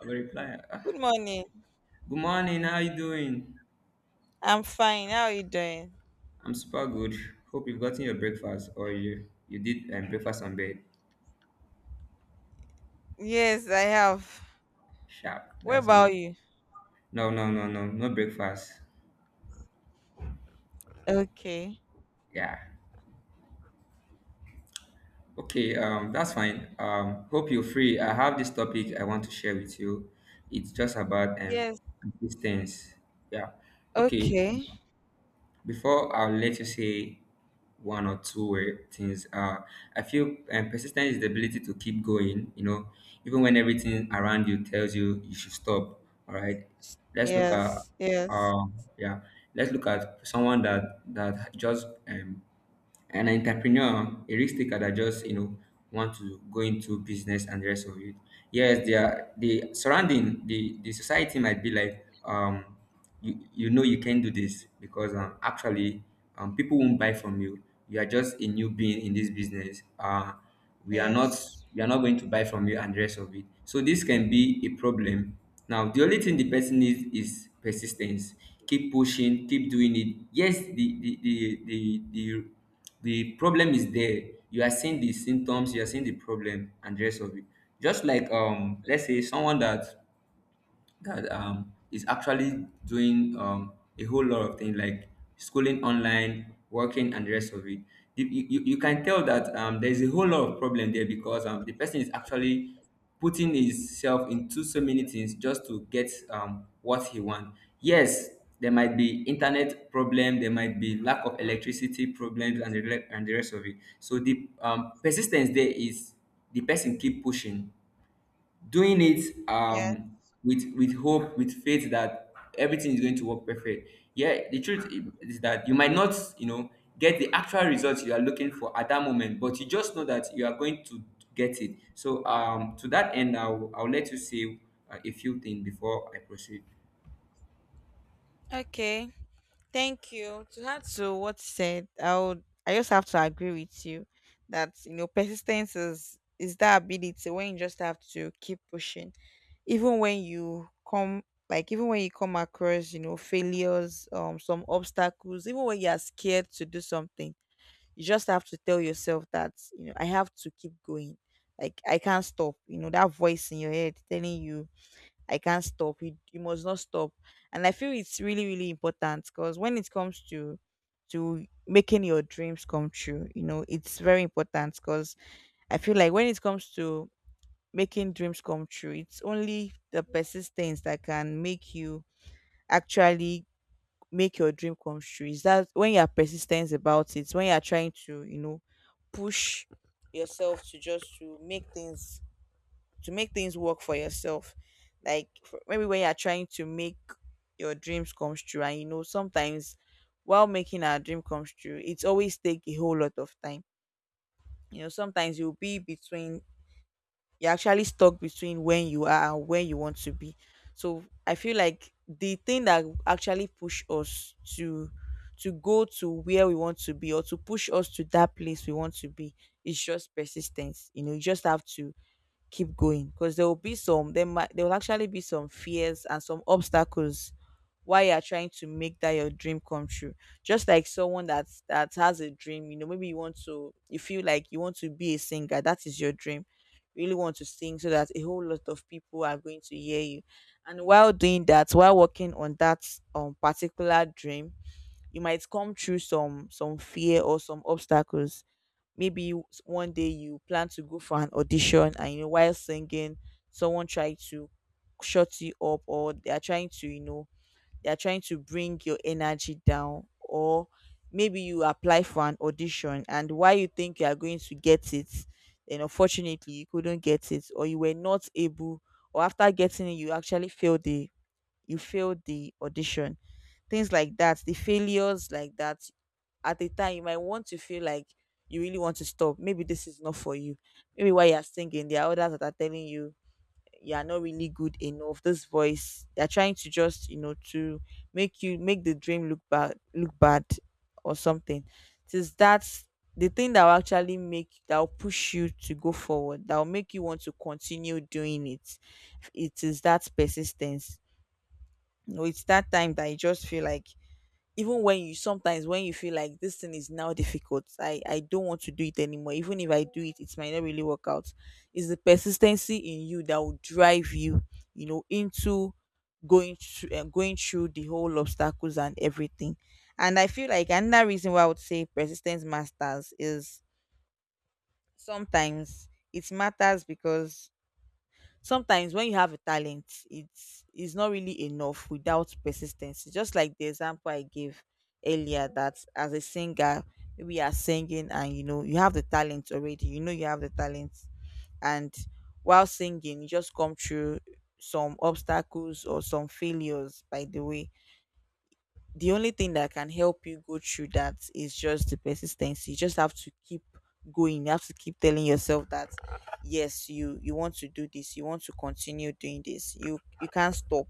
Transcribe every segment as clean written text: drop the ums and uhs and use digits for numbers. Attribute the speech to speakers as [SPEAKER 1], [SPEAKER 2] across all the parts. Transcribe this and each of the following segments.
[SPEAKER 1] I will reply, "Ah,
[SPEAKER 2] Good morning.
[SPEAKER 1] good morning, how you doing?
[SPEAKER 2] I'm fine. How are you doing?
[SPEAKER 1] I'm super good. Hope you've gotten your breakfast or you did breakfast on bed.
[SPEAKER 2] Yes, I have.
[SPEAKER 1] Sharp,
[SPEAKER 2] What
[SPEAKER 1] that's
[SPEAKER 2] about
[SPEAKER 1] good.
[SPEAKER 2] you?
[SPEAKER 1] No, no, no, no, no breakfast.
[SPEAKER 2] Okay.
[SPEAKER 1] Yeah. Okay, that's fine. Hope you're free. I have this topic I want to share with you. It's just about
[SPEAKER 2] Yes.
[SPEAKER 1] persistence. Yeah. Okay.
[SPEAKER 2] Okay.
[SPEAKER 1] Before I'll let you say one or two things, I feel persistence is the ability to keep going, you know, even when everything around you tells you you should stop. All right. Let's look at,
[SPEAKER 2] Yes. Yes.
[SPEAKER 1] um, yeah, let's look at someone that just an entrepreneur, a risk taker that just, you know, want to go into business and the rest of it. Yes, they are the surrounding, the society might be like, you you know you can do this because actually people won't buy from you. You are just a new being in this business. We are not
[SPEAKER 2] Yes.
[SPEAKER 1] we are not going to buy from you and the rest of it. So this can be a problem. Now the only thing the person needs is persistence. Keep pushing, keep doing it. Yes, the problem is there, you are seeing the symptoms, you are seeing the problem and the rest of it, just like, let's say someone that is actually doing a whole lot of things like schooling online, working, and the rest of it. You can tell that there's a whole lot of problem there because, the person is actually putting himself into so many things just to get what he wants. Yes, there might be internet problem, there might be lack of electricity problems, and and the rest of it. So the, persistence there is the person keep pushing doing it,
[SPEAKER 2] Yes.
[SPEAKER 1] with hope, with faith, that everything is going to work perfect. Yeah, the truth is that you might not, you know, get the actual results you are looking for at that moment, but you just know that you are going to get it. So to that end, I'll let you say a few things before I proceed.
[SPEAKER 2] Okay. Thank you. To add to what you said, I just have to agree with you that you know persistence is that ability when you just have to keep pushing. Even when you come even when you come across, you know, failures, some obstacles, even when you are scared to do something you just have to tell yourself that you know I have to keep going, like I can't stop. You know that voice in your head telling you I can't stop you, you must not stop. And I feel it's really really important because when it comes to making your dreams come true, you know it's very important because I feel like when it comes to making dreams come true it's only the persistence that can make you actually make your dream come true. Is that when you are persistent about it, when you are trying to you know push yourself to just to make things work for yourself, like maybe when you're trying to make your dreams come true, and you know sometimes while making our dream comes true it's always take a whole lot of time. You know sometimes you'll be between, you're actually stuck between when you are and where you want to be. So I feel like the thing that actually push us to go to where we want to be, or to push us to that place we want to be, is just persistence. You know, you just have to keep going because there will actually be some fears and some obstacles while you're trying to make that your dream come true. Just like someone that has a dream, you know maybe you want to, you feel like you want to be a singer, that is your dream. You really want to sing so that a whole lot of people are going to hear you, and while doing that, while working on that particular dream, you might come through some fear or some obstacles. Maybe one day you plan to go for an audition, and you know while singing someone tried to shut you up, or they are trying to, you know, they are trying to bring your energy down. Or maybe you apply for an audition and while you think you are going to get it, then unfortunately you couldn't get it, or you were not able, or after getting it you actually failed the you failed the audition. Things like that, the failures like that, at the time you might want to feel like you really want to stop, maybe this is not for you. Maybe while you're singing there are others that are telling you you are not really good enough, this voice, they're trying to just, you know, to make you make the dream look bad, look bad, or something. It is that's the thing that will actually make, that will push you to go forward, that will make you want to continue doing it. It is that persistence. No, it's that time that you just feel like, even when you sometimes when you feel like this thing is now difficult, I don't want to do it anymore. Even if I do it, it might not really work out. It's the persistency in you that will drive you, you know, into going through the whole obstacles and everything. And I feel like another reason why I would say persistence masters is, sometimes it matters because sometimes when you have a talent it's not really enough without persistence. It's just like the example I gave earlier, that as a singer maybe you are singing and you know you have the talent already, you know you have the talent, and while singing you just come through some obstacles or some failures. By the way, the only thing that can help you go through that is just the persistence. You just have to keep going. You have to keep telling yourself that yes, you want to do this. You want to continue doing this. You can't stop.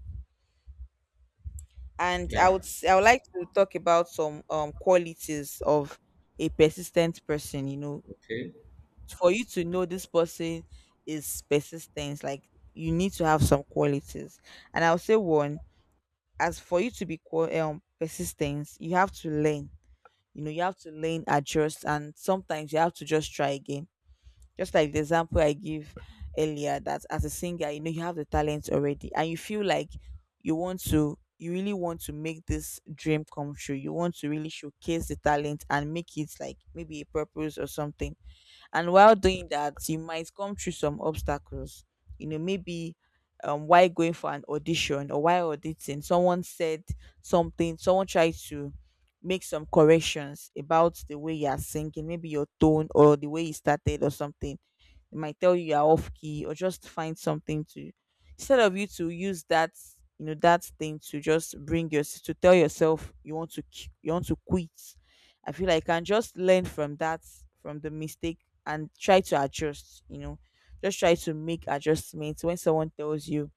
[SPEAKER 2] And
[SPEAKER 1] Yeah.
[SPEAKER 2] I would like to talk about some qualities of a persistent person. You know,
[SPEAKER 1] Okay.
[SPEAKER 2] for you to know this person is persistent, like you need to have some qualities. And I'll say one, as for you to be persistent, you have to learn, you know you have to learn, adjust, and sometimes you have to just try again. Just like the example I give earlier, that as a singer, you know you have the talent already and you feel like you really want to make this dream come true, you want to really showcase the talent and make it like maybe a purpose or something. And while doing that you might come through some obstacles. You know, maybe while going for an audition, or while auditing, someone said something, someone tried to make some corrections about the way you are singing, maybe your tone or the way you started or something. They might tell you you're off key or just find something to, instead of you to use that, you know, that thing to just bring your, to tell yourself you want to you want to quit, I feel like I can just learn from that, from the mistake, and try to adjust. You know, just try to make adjustments when someone tells you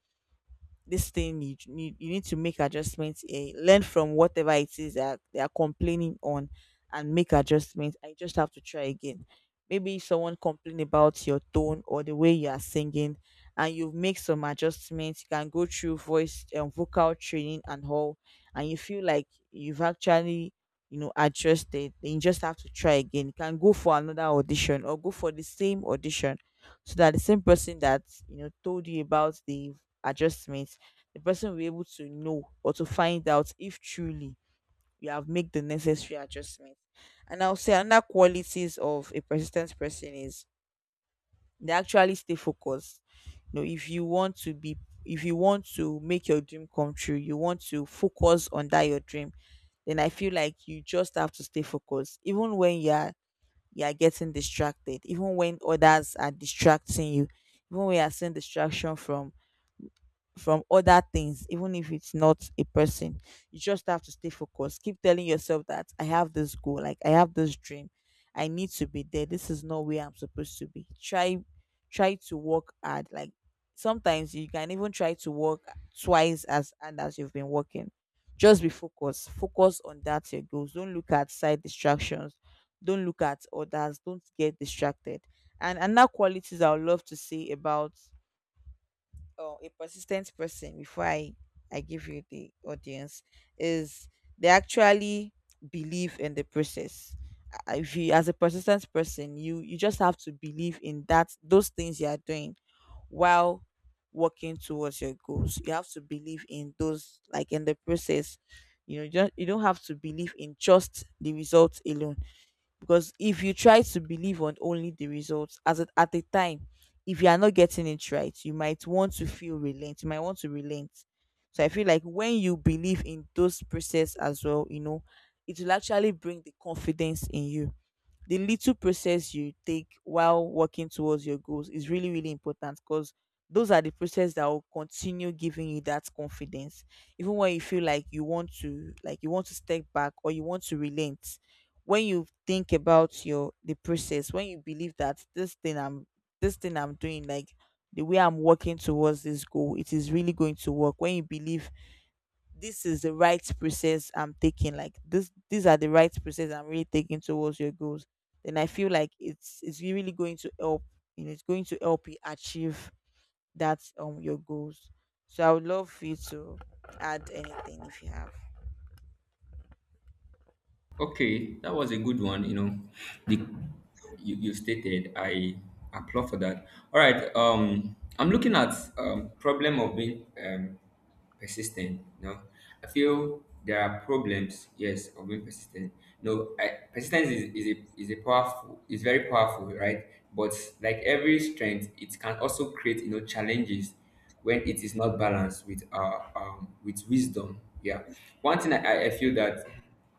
[SPEAKER 2] this thing, you need to make adjustments, eh, learn from whatever it is that they are complaining on and make adjustments. I just have to try again. Maybe someone complained about your tone or the way you are singing, and you make some adjustments, you can go through voice and vocal training and all, and you feel like you've actually, you know, adjusted, then you just have to try again. You can go for another audition or go for the same audition so that the same person that, you know, told you about the adjustments, the person will be able to know or to find out if truly you have made the necessary adjustments. And I'll say another qualities of a persistent person is they actually stay focused. You know, if you want to be, if you want to make your dream come true, you want to focus on that your dream, then I feel like you just have to stay focused, even when you are getting distracted, even when others are distracting you, even when you are seeing distraction from other things, even if it's not a person. You just have to stay focused. Keep telling yourself that I have this goal, like I have this dream. I need to be there. This is not where I'm supposed to be. Try to work hard. Like sometimes you can even try to work twice as hard as you've been working. Just be focused. Focus on that your goals. Don't look at side distractions. Don't look at others. Don't get distracted. And another qualities I would love to say about or a persistent person before I give you the audience is they actually believe in the process. If you as a persistent person, you just have to believe in that those things you are doing while working towards your goals. You have to believe in those, like in the process. You know, just you don't have to believe in just the results alone, because if you try to believe on only the results as at a time, if you are not getting it right you might want to feel relent, you might want to relent. So I feel like when you believe in those process as well, you know, it will actually bring the confidence in you. The little process you take while working towards your goals is really really important, because those are the process that will continue giving you that confidence. Even when you feel like you want to step back or you want to relent, when you think about your the process, when you believe that this thing I'm doing, like, the way I'm working towards this goal, it is really going to work, when you believe this is the right process I'm taking. Like this, these are the right process I'm really taking towards your goals. Then I feel like it's really going to help. You know, it's going to help you achieve that your goals. So I would love for you to add anything if you have.
[SPEAKER 1] Okay, that was a good one. You know, the you, you stated. I applaud for that. All right. I'm looking at problem of being persistent. You know, I feel there are problems. Yes, of being persistent. No, persistence is a powerful. Is very powerful, right? But like every strength, it can also create, you know, challenges when it is not balanced with wisdom. Yeah, one thing I feel that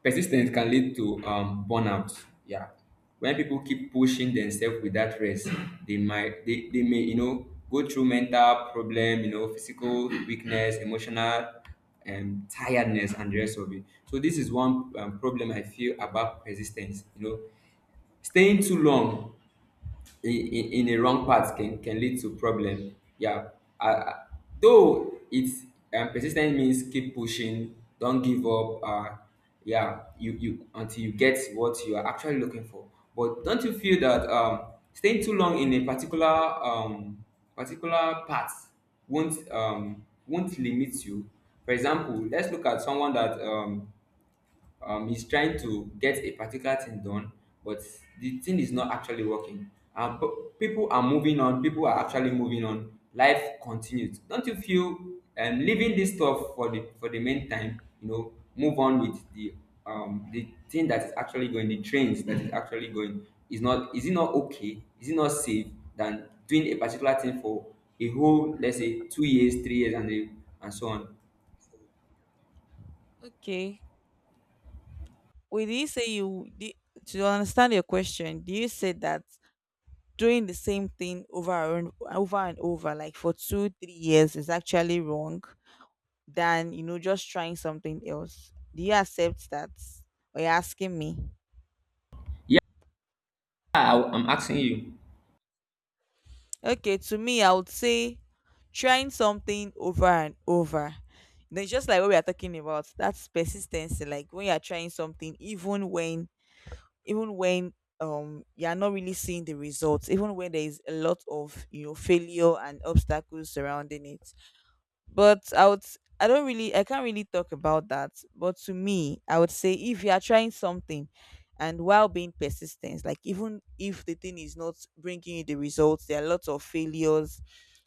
[SPEAKER 1] persistence can lead to burnout. Yeah, when people keep pushing themselves without rest, they may, you know, go through mental problem, you know, physical weakness, emotional, tiredness, and the rest of it. So this is one, problem I feel about persistence. You know, staying too long in in a wrong path can lead to problem. Yeah. Uh, though it's, persistent means keep pushing, don't give up. Yeah, you until you get what you are actually looking for. But don't you feel that, staying too long in a particular, particular path won't, won't limit you? For example, let's look at someone that, he's trying to get a particular thing done, but the thing is not actually working. Um, p- people are moving on, people are actually moving on, life continues. Don't you feel, leaving this stuff for the meantime, you know, move on with the, the thing that is actually going, the trains that is actually going, is not, is it not okay, is it not safe, than doing a particular thing for a whole, let's say 2 years, 3 years and and so on?
[SPEAKER 2] Okay. Wait, did you say you did, to understand your question? Do you say that doing the same thing over and over and over, like for two, 3 years, is actually wrong? Than just trying something else? Do you accept that, or you're asking me?
[SPEAKER 1] Yeah. I'm asking you.
[SPEAKER 2] Okay, to me I would say trying something over and over. You know, it's just like what we are talking about, that's persistency, like when you're trying something even when even when you're not really seeing the results, even when there is a lot of failure and obstacles surrounding it. But I would I don't really, I can't really talk about that. But to me, I would say if you are trying something and while being persistent, like even if the thing is not bringing you the results, there are lots of failures,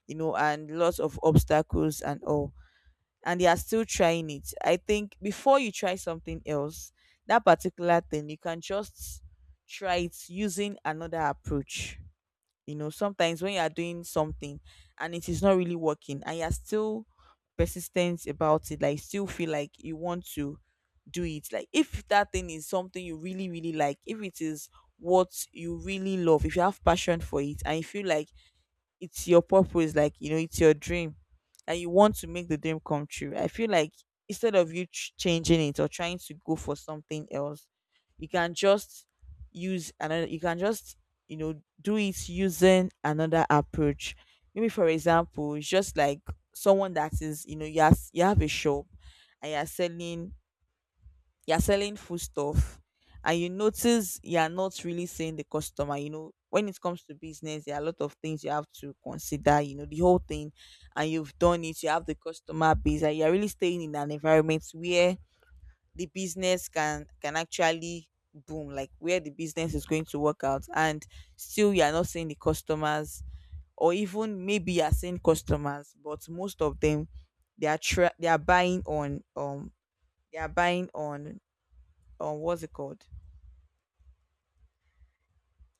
[SPEAKER 2] you know, and lots of obstacles and all. And you are still trying it, I think before you try something else, that particular thing, you can just try it using another approach. You know, sometimes when you are doing something and it is not really working and you're still persistent about it, like still feel like you want to do it. Like if that thing is something you really, really like, if it is what you really love, if you have passion for it and you feel like it's your purpose, like you know it's your dream and you want to make the dream come true, I feel like instead of you changing it or trying to go for something else, you can just use another you can just you know, do it using another approach. Maybe for example, it's just like someone that is, you know, you have a shop and you're selling, you're selling food stuff and you notice you're not really seeing the customer. You know, when it comes to business there are a lot of things you have to consider, you know, the whole thing. And you've done it, you have the customer base and you're really staying in an environment where the business can actually boom, like where the business is going to work out, and still you're not seeing the customers. Or even maybe you're seeing customers but most of them, they are buying on they are buying on what's it called?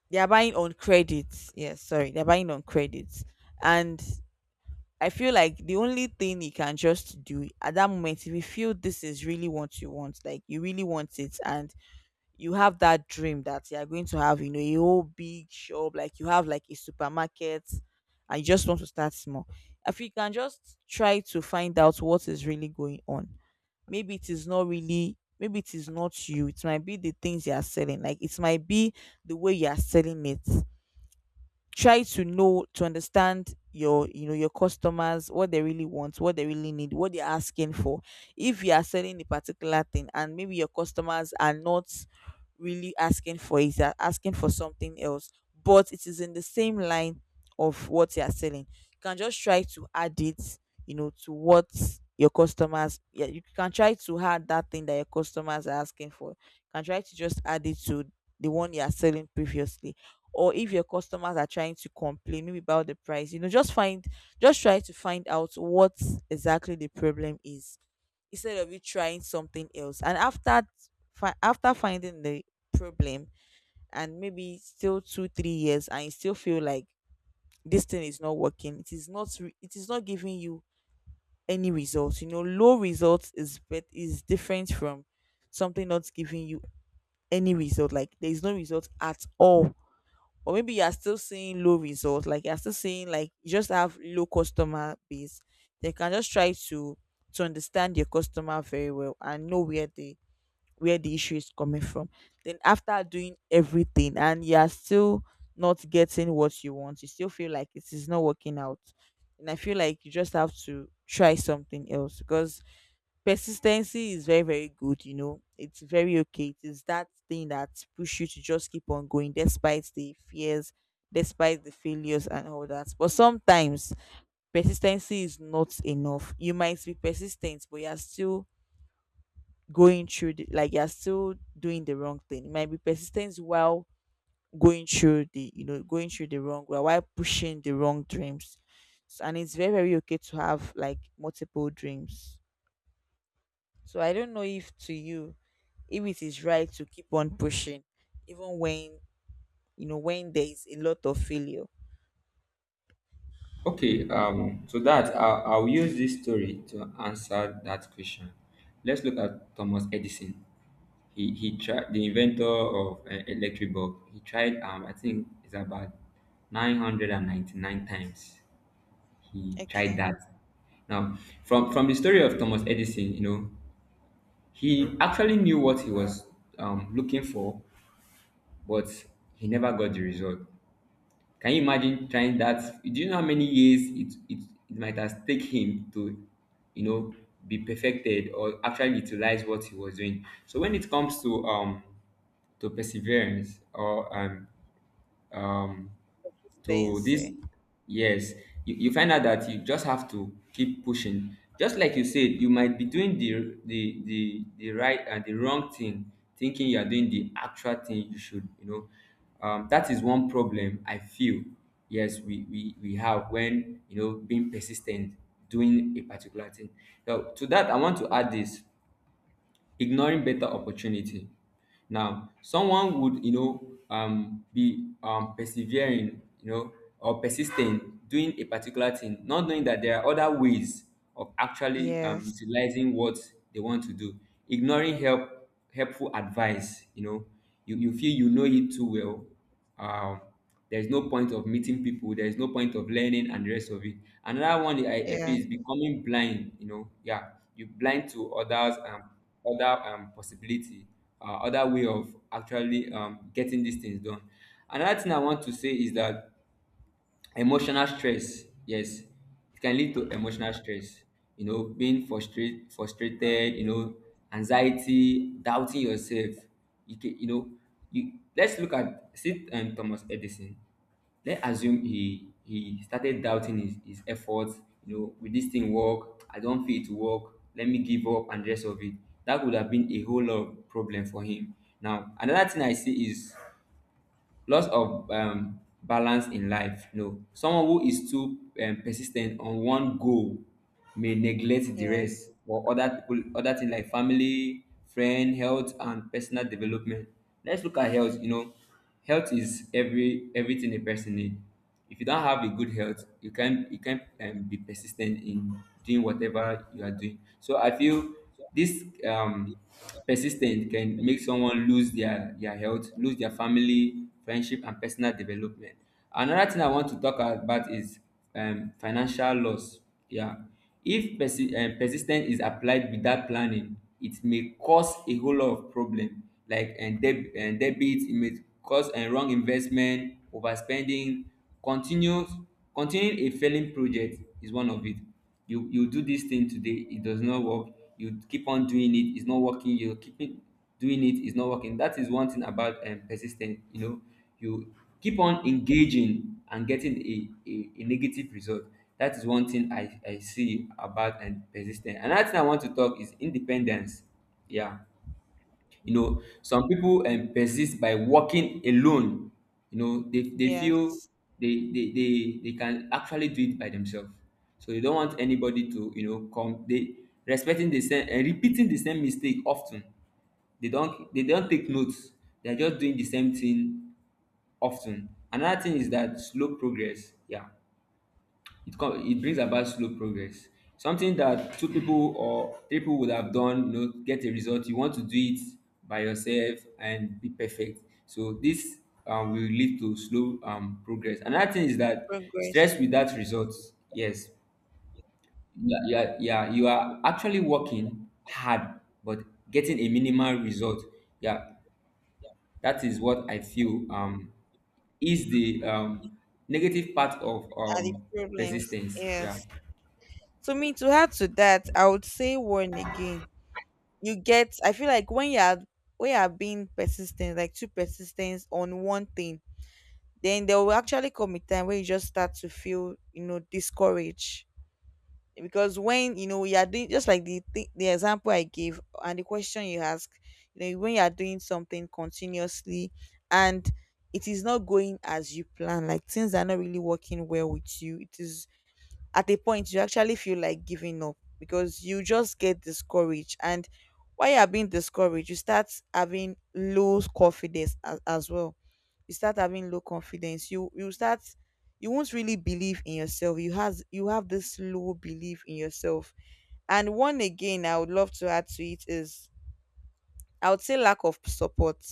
[SPEAKER 2] They are buying on credit. Yes, sorry, they're buying on credit. And I feel like the only thing you can just do at that moment, if you feel this is really what you want, like you really want it, and you have that dream that you're going to have, you know, a whole big shop, like you have like a supermarket, and you just want to start small. If you can just try to find out what is really going on. Maybe it is not really, maybe it is not you, it might be the things you are selling, like it might be the way you are selling it. Try to know, to understand your, you know, your customers, what they really want, what they really need, what they're asking for. If you are selling a particular thing and maybe your customers are not really asking for it, they're asking for something else, but it is in the same line of what you are selling, you can just try to add it, you know, to what your customers, yeah, you can try to add that thing that your customers are asking for. You can try to just add it to the one you are selling previously. Or if your customers are trying to complain maybe about the price, you know, just find, just try to find out what exactly the problem is, instead of you trying something else. And after after finding the problem, and maybe still 2, 3 years and you still feel like this thing is not working, it is not re- it is not giving you any results. You know, low results is bet is different from something not giving you any result, like there is no result at all. Or maybe you are still seeing low results, like you are still seeing like you just have low customer base, they can just try to understand your customer very well and know where the, where the issue is coming from. Then after doing everything and you are still not getting what you want, you still feel like it is not working out. And I feel like you just have to try something else. Because persistency is very, very good, you know. It's very okay. It is that thing that push you to just keep on going despite the fears, despite the failures and all that. But sometimes persistency is not enough. You might be persistent, but you're still going through the like you're still doing the wrong thing. It might be persistent while going through the, you know, going through the wrong way, while pushing the wrong dreams. And it's very, very okay to have like multiple dreams. So I don't know if to you, if it is right to keep on pushing, even when, you know, when there is a lot of failure.
[SPEAKER 1] Okay, so that I'll use this story to answer that question. Let's look at Thomas Edison. He tried, the inventor of electric bulb. He tried, I think it's about 999 times. He tried
[SPEAKER 2] Okay.
[SPEAKER 1] that. Now, from the story of Thomas Edison, you know, he actually knew what he was, looking for, but he never got the result. Can you imagine trying that? Do you know how many years it, it, it might have take him to, you know, be perfected or actually utilize what he was doing? So when it comes to, perseverance or um
[SPEAKER 2] Stay and
[SPEAKER 1] to this
[SPEAKER 2] say.
[SPEAKER 1] yes, you find out that you just have to keep pushing, just like you said, you might be doing the right and the wrong thing, thinking you are doing the actual thing you should, you know, that is one problem I feel. Yes, we have, when, you know, being persistent, doing a particular thing. Now to that I want to add this: ignoring better opportunity. Now someone would, you know, be persevering, you know, or persistent, doing a particular thing, not knowing that there are other ways of actually,
[SPEAKER 2] Yes.
[SPEAKER 1] utilizing what they want to do. Ignoring helpful advice. You know, you feel you know it too well. um there's no point of meeting people, there's no point of learning and the rest of it. Another one I feel
[SPEAKER 2] Yes.
[SPEAKER 1] is becoming blind. You know, yeah, you blind to others, other possibility, other way of actually, getting these things done. Another thing I want to say is that emotional stress, yes, it can lead to emotional stress. You know, being frustrated. You know, anxiety, doubting yourself. You can, you know, you let's look at sit and Thomas Edison. Let's assume he started doubting his efforts. You know, will this thing work? I don't feel it to work. Let me give up and rest of it. That would have been a whole lot of problem for him. Now, another thing I see is loss of balance in life. No, someone who is too persis ten t on one goal may neglect the
[SPEAKER 2] Yes.
[SPEAKER 1] rest or other people, other things, like family, friend, health, and personal development. Let's look at health. You know, health is everything a person need. If you don't have a good health, you can, you can, be persistent in doing whatever you are doing. So I feel this, persistent can make someone lose their health, lose their family, friendship, and personal development. Another thing I want to talk about is, financial loss. Yeah, if persis is applied without planning, it may cause a whole lot of problem, like, and debit. It may cause a wrong investment, overspending. Continues continuing a failing project is one of it. You do this thing today, it does not work, you keep on doing it, it's not working, you keep it doing it, it's not working. That is one thing about, persistence. You know, you keep on engaging and getting a negative result. That is one thing I see about and persistence. Another thing I want to talk is independence. Yeah, you know, some people, persist by working alone. You know, they feel
[SPEAKER 2] Yes.
[SPEAKER 1] they can actually do it by themselves. So they don't want anybody to, you know, come. They respecting the same and repeating the same mistake often. They don't take notes. They're just doing the same thing often. Another thing is that slow progress. Yeah, it brings about slow progress. Something that two people or three people would have done, you know, get a result. You want to do it by yourself and be perfect. So this, will lead to slow, progress. Another thing is that
[SPEAKER 2] Progress
[SPEAKER 1] stress without results. Yes, yeah, yeah, yeah. You are actually working hard, but getting a minimal result. Yeah, that is what I feel, is the, negative part of,
[SPEAKER 2] are the problems.
[SPEAKER 1] persistence.
[SPEAKER 2] Yes.
[SPEAKER 1] Yeah.
[SPEAKER 2] So me to add to that, I would say one again. You get I feel like when you are, when you are being persistent, like too persistent on one thing, then there will actually come a time where you just start to feel, you know, discouraged. Because when you know you are doing, just like the example I gave and the question you ask, you know when you are doing something continuously and it is not going as you plan, like things are not really working well with you, it is at a point you actually feel like giving up because you just get discouraged. And while you are being discouraged, you start having low confidence as well. You start having low confidence, you start, you won't really believe in yourself, you have this low belief in yourself. And one again I would love to add to it is, I would say lack of support.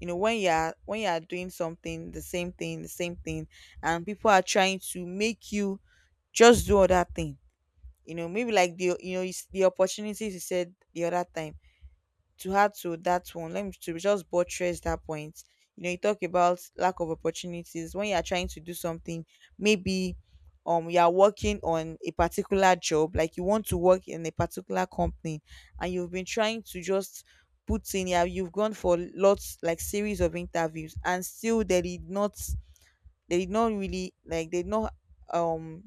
[SPEAKER 2] You know, when you are, when you are doing something the same thing, the same thing, and people are trying to make you just do other thing, you know, maybe like the, you know, you the opportunities you said the other time, to add to that one, let me to just buttress that point. You know, you talk about lack of opportunities when you are trying to do something. Maybe you are working on a particular job, like you want to work in a particular company, and you've been trying to just put in. Yeah, you've gone for lots, like series of interviews, and still they did not, they did not really like um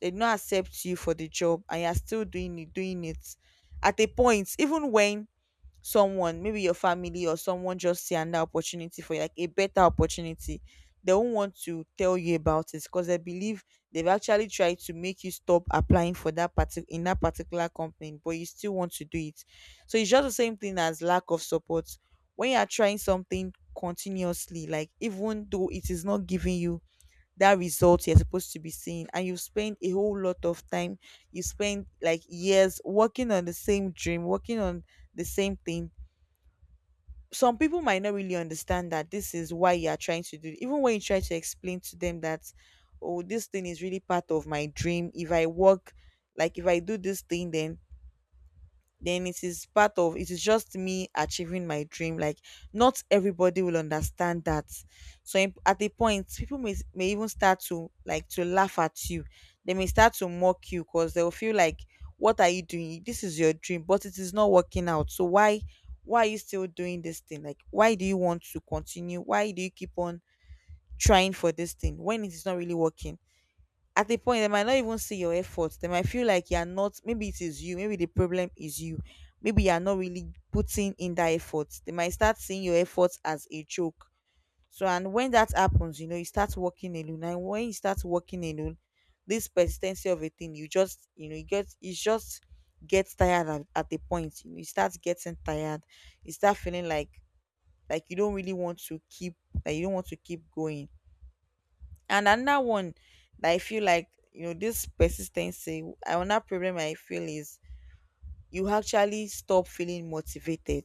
[SPEAKER 2] they did not accept you for the job, and you are still doing it, doing it. At a point, even when someone, maybe your family or someone just see another opportunity for you, like a better opportunity, they won't want to tell you about it because they believe they've actually tried to make you stop applying for that in that particular company, but you still want to do it. So it's just the same thing as lack of support. When you are trying something continuously, like even though it is not giving you that result you're supposed to be seeing, and you spend a whole lot of time, you spend like years working on the same dream, working on the same thing, some people might not really understand that this is why you are trying to do it. Even when you try to explain to them that, oh, this thing is really part of my dream, if I work, like if I do this thing, then it is part of, it is just me achieving my dream, like not everybody will understand that. So at a point people may even start to, like, to laugh at you. They may start to mock you because they'll feel like, what are you doing? This is your dream but it is not working out, so why, are you still doing this thing? Like, why do you want to continue? Why do you keep on trying for this thing when it is not really working? At the point they might not even see your efforts. They might feel like you're not, maybe it is you, maybe the problem is you, maybe you're not really putting in that effort. They might start seeing your efforts as a joke. So and when that happens, you know, you start working alone, and when you start working alone, this persistency of a thing, you just, you know, you get, you just get tired at a point, you start getting tired. You start feeling like, you don't really want to keep, like you don't want to keep going. And another one that I feel like, this persistency, another problem I feel is you actually stop feeling motivated.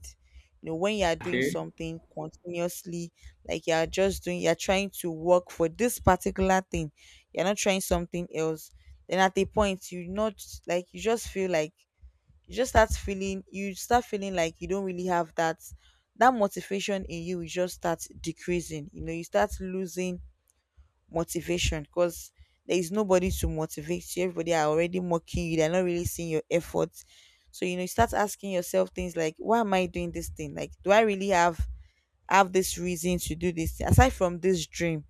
[SPEAKER 2] You know, when you are doing
[SPEAKER 1] Okay.
[SPEAKER 2] something continuously, like you are just doing, you're trying to work for this particular thing, you're not trying something else. Then at a point, you not like, you just feel like, you start feeling like you don't really have that motivation in you. You just start decreasing. You know, you start losing motivation because there is nobody to motivate you. Everybody are already mocking you. They're not really seeing your efforts. So you know, you start asking yourself things like, "Why am I doing this thing? Like, do I really have this reason to do this thing? Aside from this dream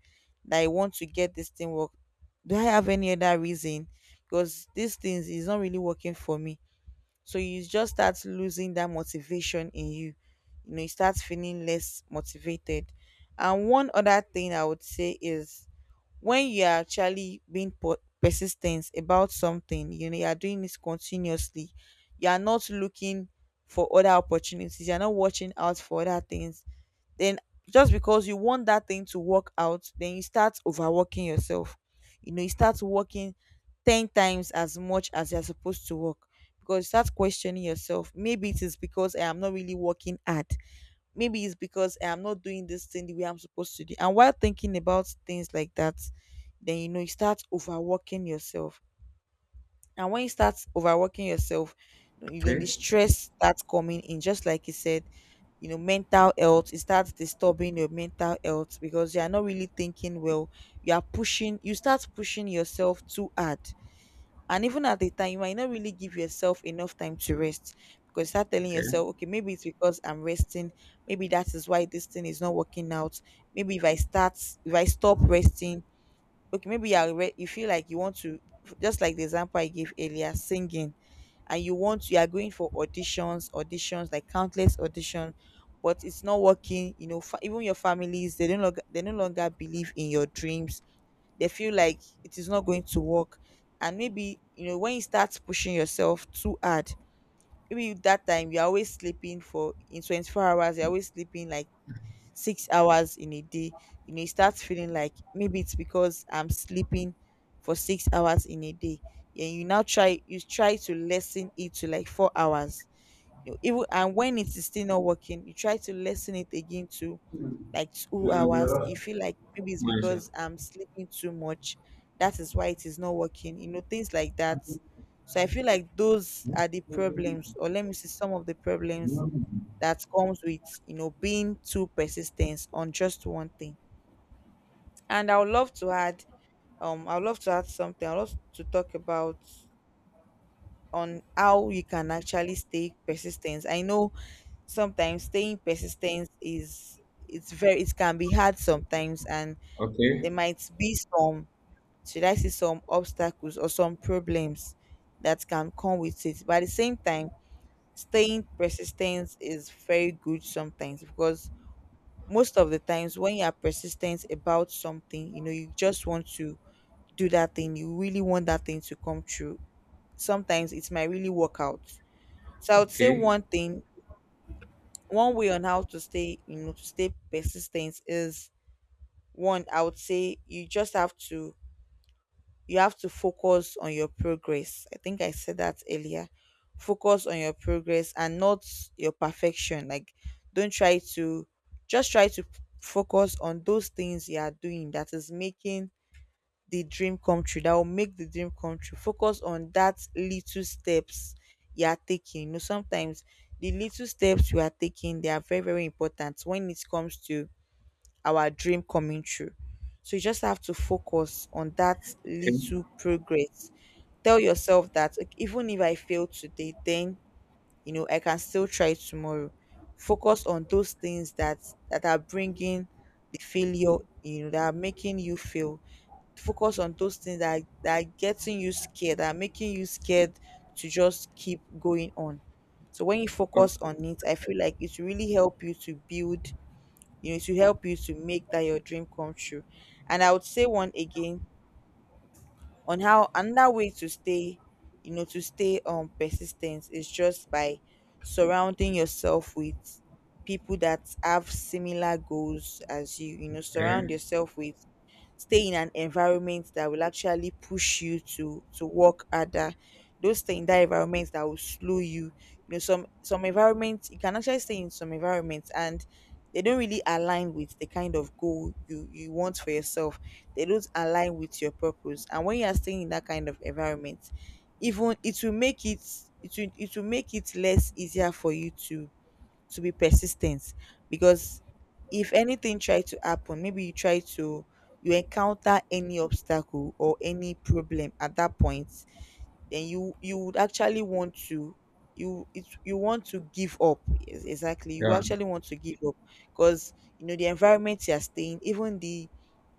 [SPEAKER 2] that I want to get this thing work, do I have any other reason? Because these things is not really working for me." So you just start losing that motivation in you. You know, you start feeling less motivated. And one other thing I would say is, when you are actually being persistent about something, you know, you are doing this continuously, you are not looking for other opportunities, you are not watching out for other things, then just because you want that thing to work out, then you start overworking yourself. You know, you start working 10 times as much as you're supposed to work because you start questioning yourself. Maybe it is because I am not really working hard. Maybe it's because I am not doing this thing the way I'm supposed to do. And while thinking about things like that, then you know you start overworking yourself. And when you start overworking yourself, you know the
[SPEAKER 1] Okay,
[SPEAKER 2] stress starts coming in. Just like you said, you know, mental health, it starts disturbing your mental health because you are not really thinking well. You start pushing yourself too hard, and even at the time, you might not really give yourself enough time to rest, because you start telling
[SPEAKER 1] okay.
[SPEAKER 2] yourself, okay, maybe it's because I'm resting. Maybe that is why this thing is not working out. Maybe if I start, if I stop resting, okay, you feel like you want to, just like the example I gave earlier, singing, and you want, you are going for auditions, auditions, like countless auditions, but it's not working. You know, even your families, they don't, they no longer believe in your dreams. They feel like it is not going to work. And maybe, you know, when you start pushing yourself too hard, maybe that time you're always sleeping for, in 24 hours you're always sleeping like 6 hours in a day. You know, you start feeling like, maybe it's because I'm sleeping for 6 hours in a day, and you try to lessen it to like 4 hours. You even and when it is still not working, you try to lessen it again to like 2 hours. You feel like, maybe it's
[SPEAKER 1] Malaysia.
[SPEAKER 2] because I'm sleeping too much. That is why it is not working. You know, things like that. So I feel like those are the problems, or let me see some of the problems that comes with, you know, being too persistent on just one thing. And I would love to add, I would love to add something, I would love to talk about on how you can actually stay persistent. I know sometimes staying persistent is, it's very, it can be hard sometimes, and
[SPEAKER 1] Okay,
[SPEAKER 2] there might be some, should I say, some obstacles or some problems that can come with it. But at the same time, staying persistent is very good sometimes, because most of the times when you are persistent about something, you know, you just want to do that thing, you really want that thing to come true. Sometimes it might really work out. So I would say
[SPEAKER 1] okay,
[SPEAKER 2] one thing, one way on how to stay, you know, to stay persistent, is one, I would say you just have to, you have to focus on your progress. I think I said that earlier. Focus on your progress and not your perfection. Like don't try to, just try to focus on those things you are doing that is making the dream come true, that will make the dream come true. Focus on that little steps you are taking. You know, sometimes the little steps we are taking, they are very, very important when it comes to our dream coming true. So you just have to focus on that
[SPEAKER 1] okay,
[SPEAKER 2] little progress. Tell yourself that, "Ok, even if I fail today, then you know I can still try tomorrow. Focus on those things that are bringing the failure, you know, that are making you fail. Focus on those things that are, getting you scared, that are making you scared to just keep going on." So when you focus on it, I feel like it will really help you to build, you know, to help you to make that your dream come true. And I would say one again on how, another way to stay, you know, to stay persistent, is just by surrounding yourself with people that have similar goals as you. You know, surround
[SPEAKER 1] okay.
[SPEAKER 2] yourself with, stay in an environment that will actually push you to work harder. Don't stay in that environment that will slow you. You know, some environments you can actually stay in, some environments and they don't really align with the kind of goal you want for yourself. They don't align with your purpose. And when you are staying in that kind of environment, even it will make it, it will make it less easier for you to be persistent, because if anything try to happen, maybe you try to, you encounter any obstacle or any problem at that point, then you would actually want to, you want to give up. Yes, exactly, you
[SPEAKER 1] Yeah,
[SPEAKER 2] actually want to give up, because you know the environment you are staying, even the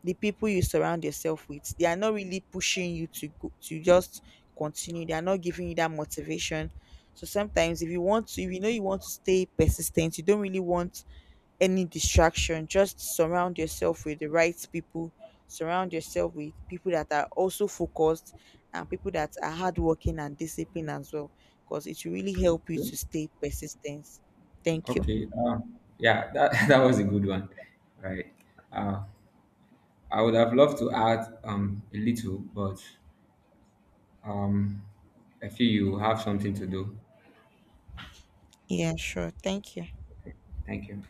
[SPEAKER 2] people you surround yourself with, they are not really pushing you to go, to just continue. They are not giving you that motivation. So sometimes if you want to, if you know you want to stay persistent, you don't really want any distraction. Just surround yourself with the right people. Surround yourself with people that are also focused and people that are hardworking and disciplined as well, because it will really help you
[SPEAKER 1] yeah.
[SPEAKER 2] to stay persistent. Thank you.
[SPEAKER 1] Okay. Yeah, that, that was a good one, right? Uh, I would have loved to add, a little, but, um, I feel you have something to do.
[SPEAKER 2] Yeah, sure. Thank you.
[SPEAKER 1] Thank you.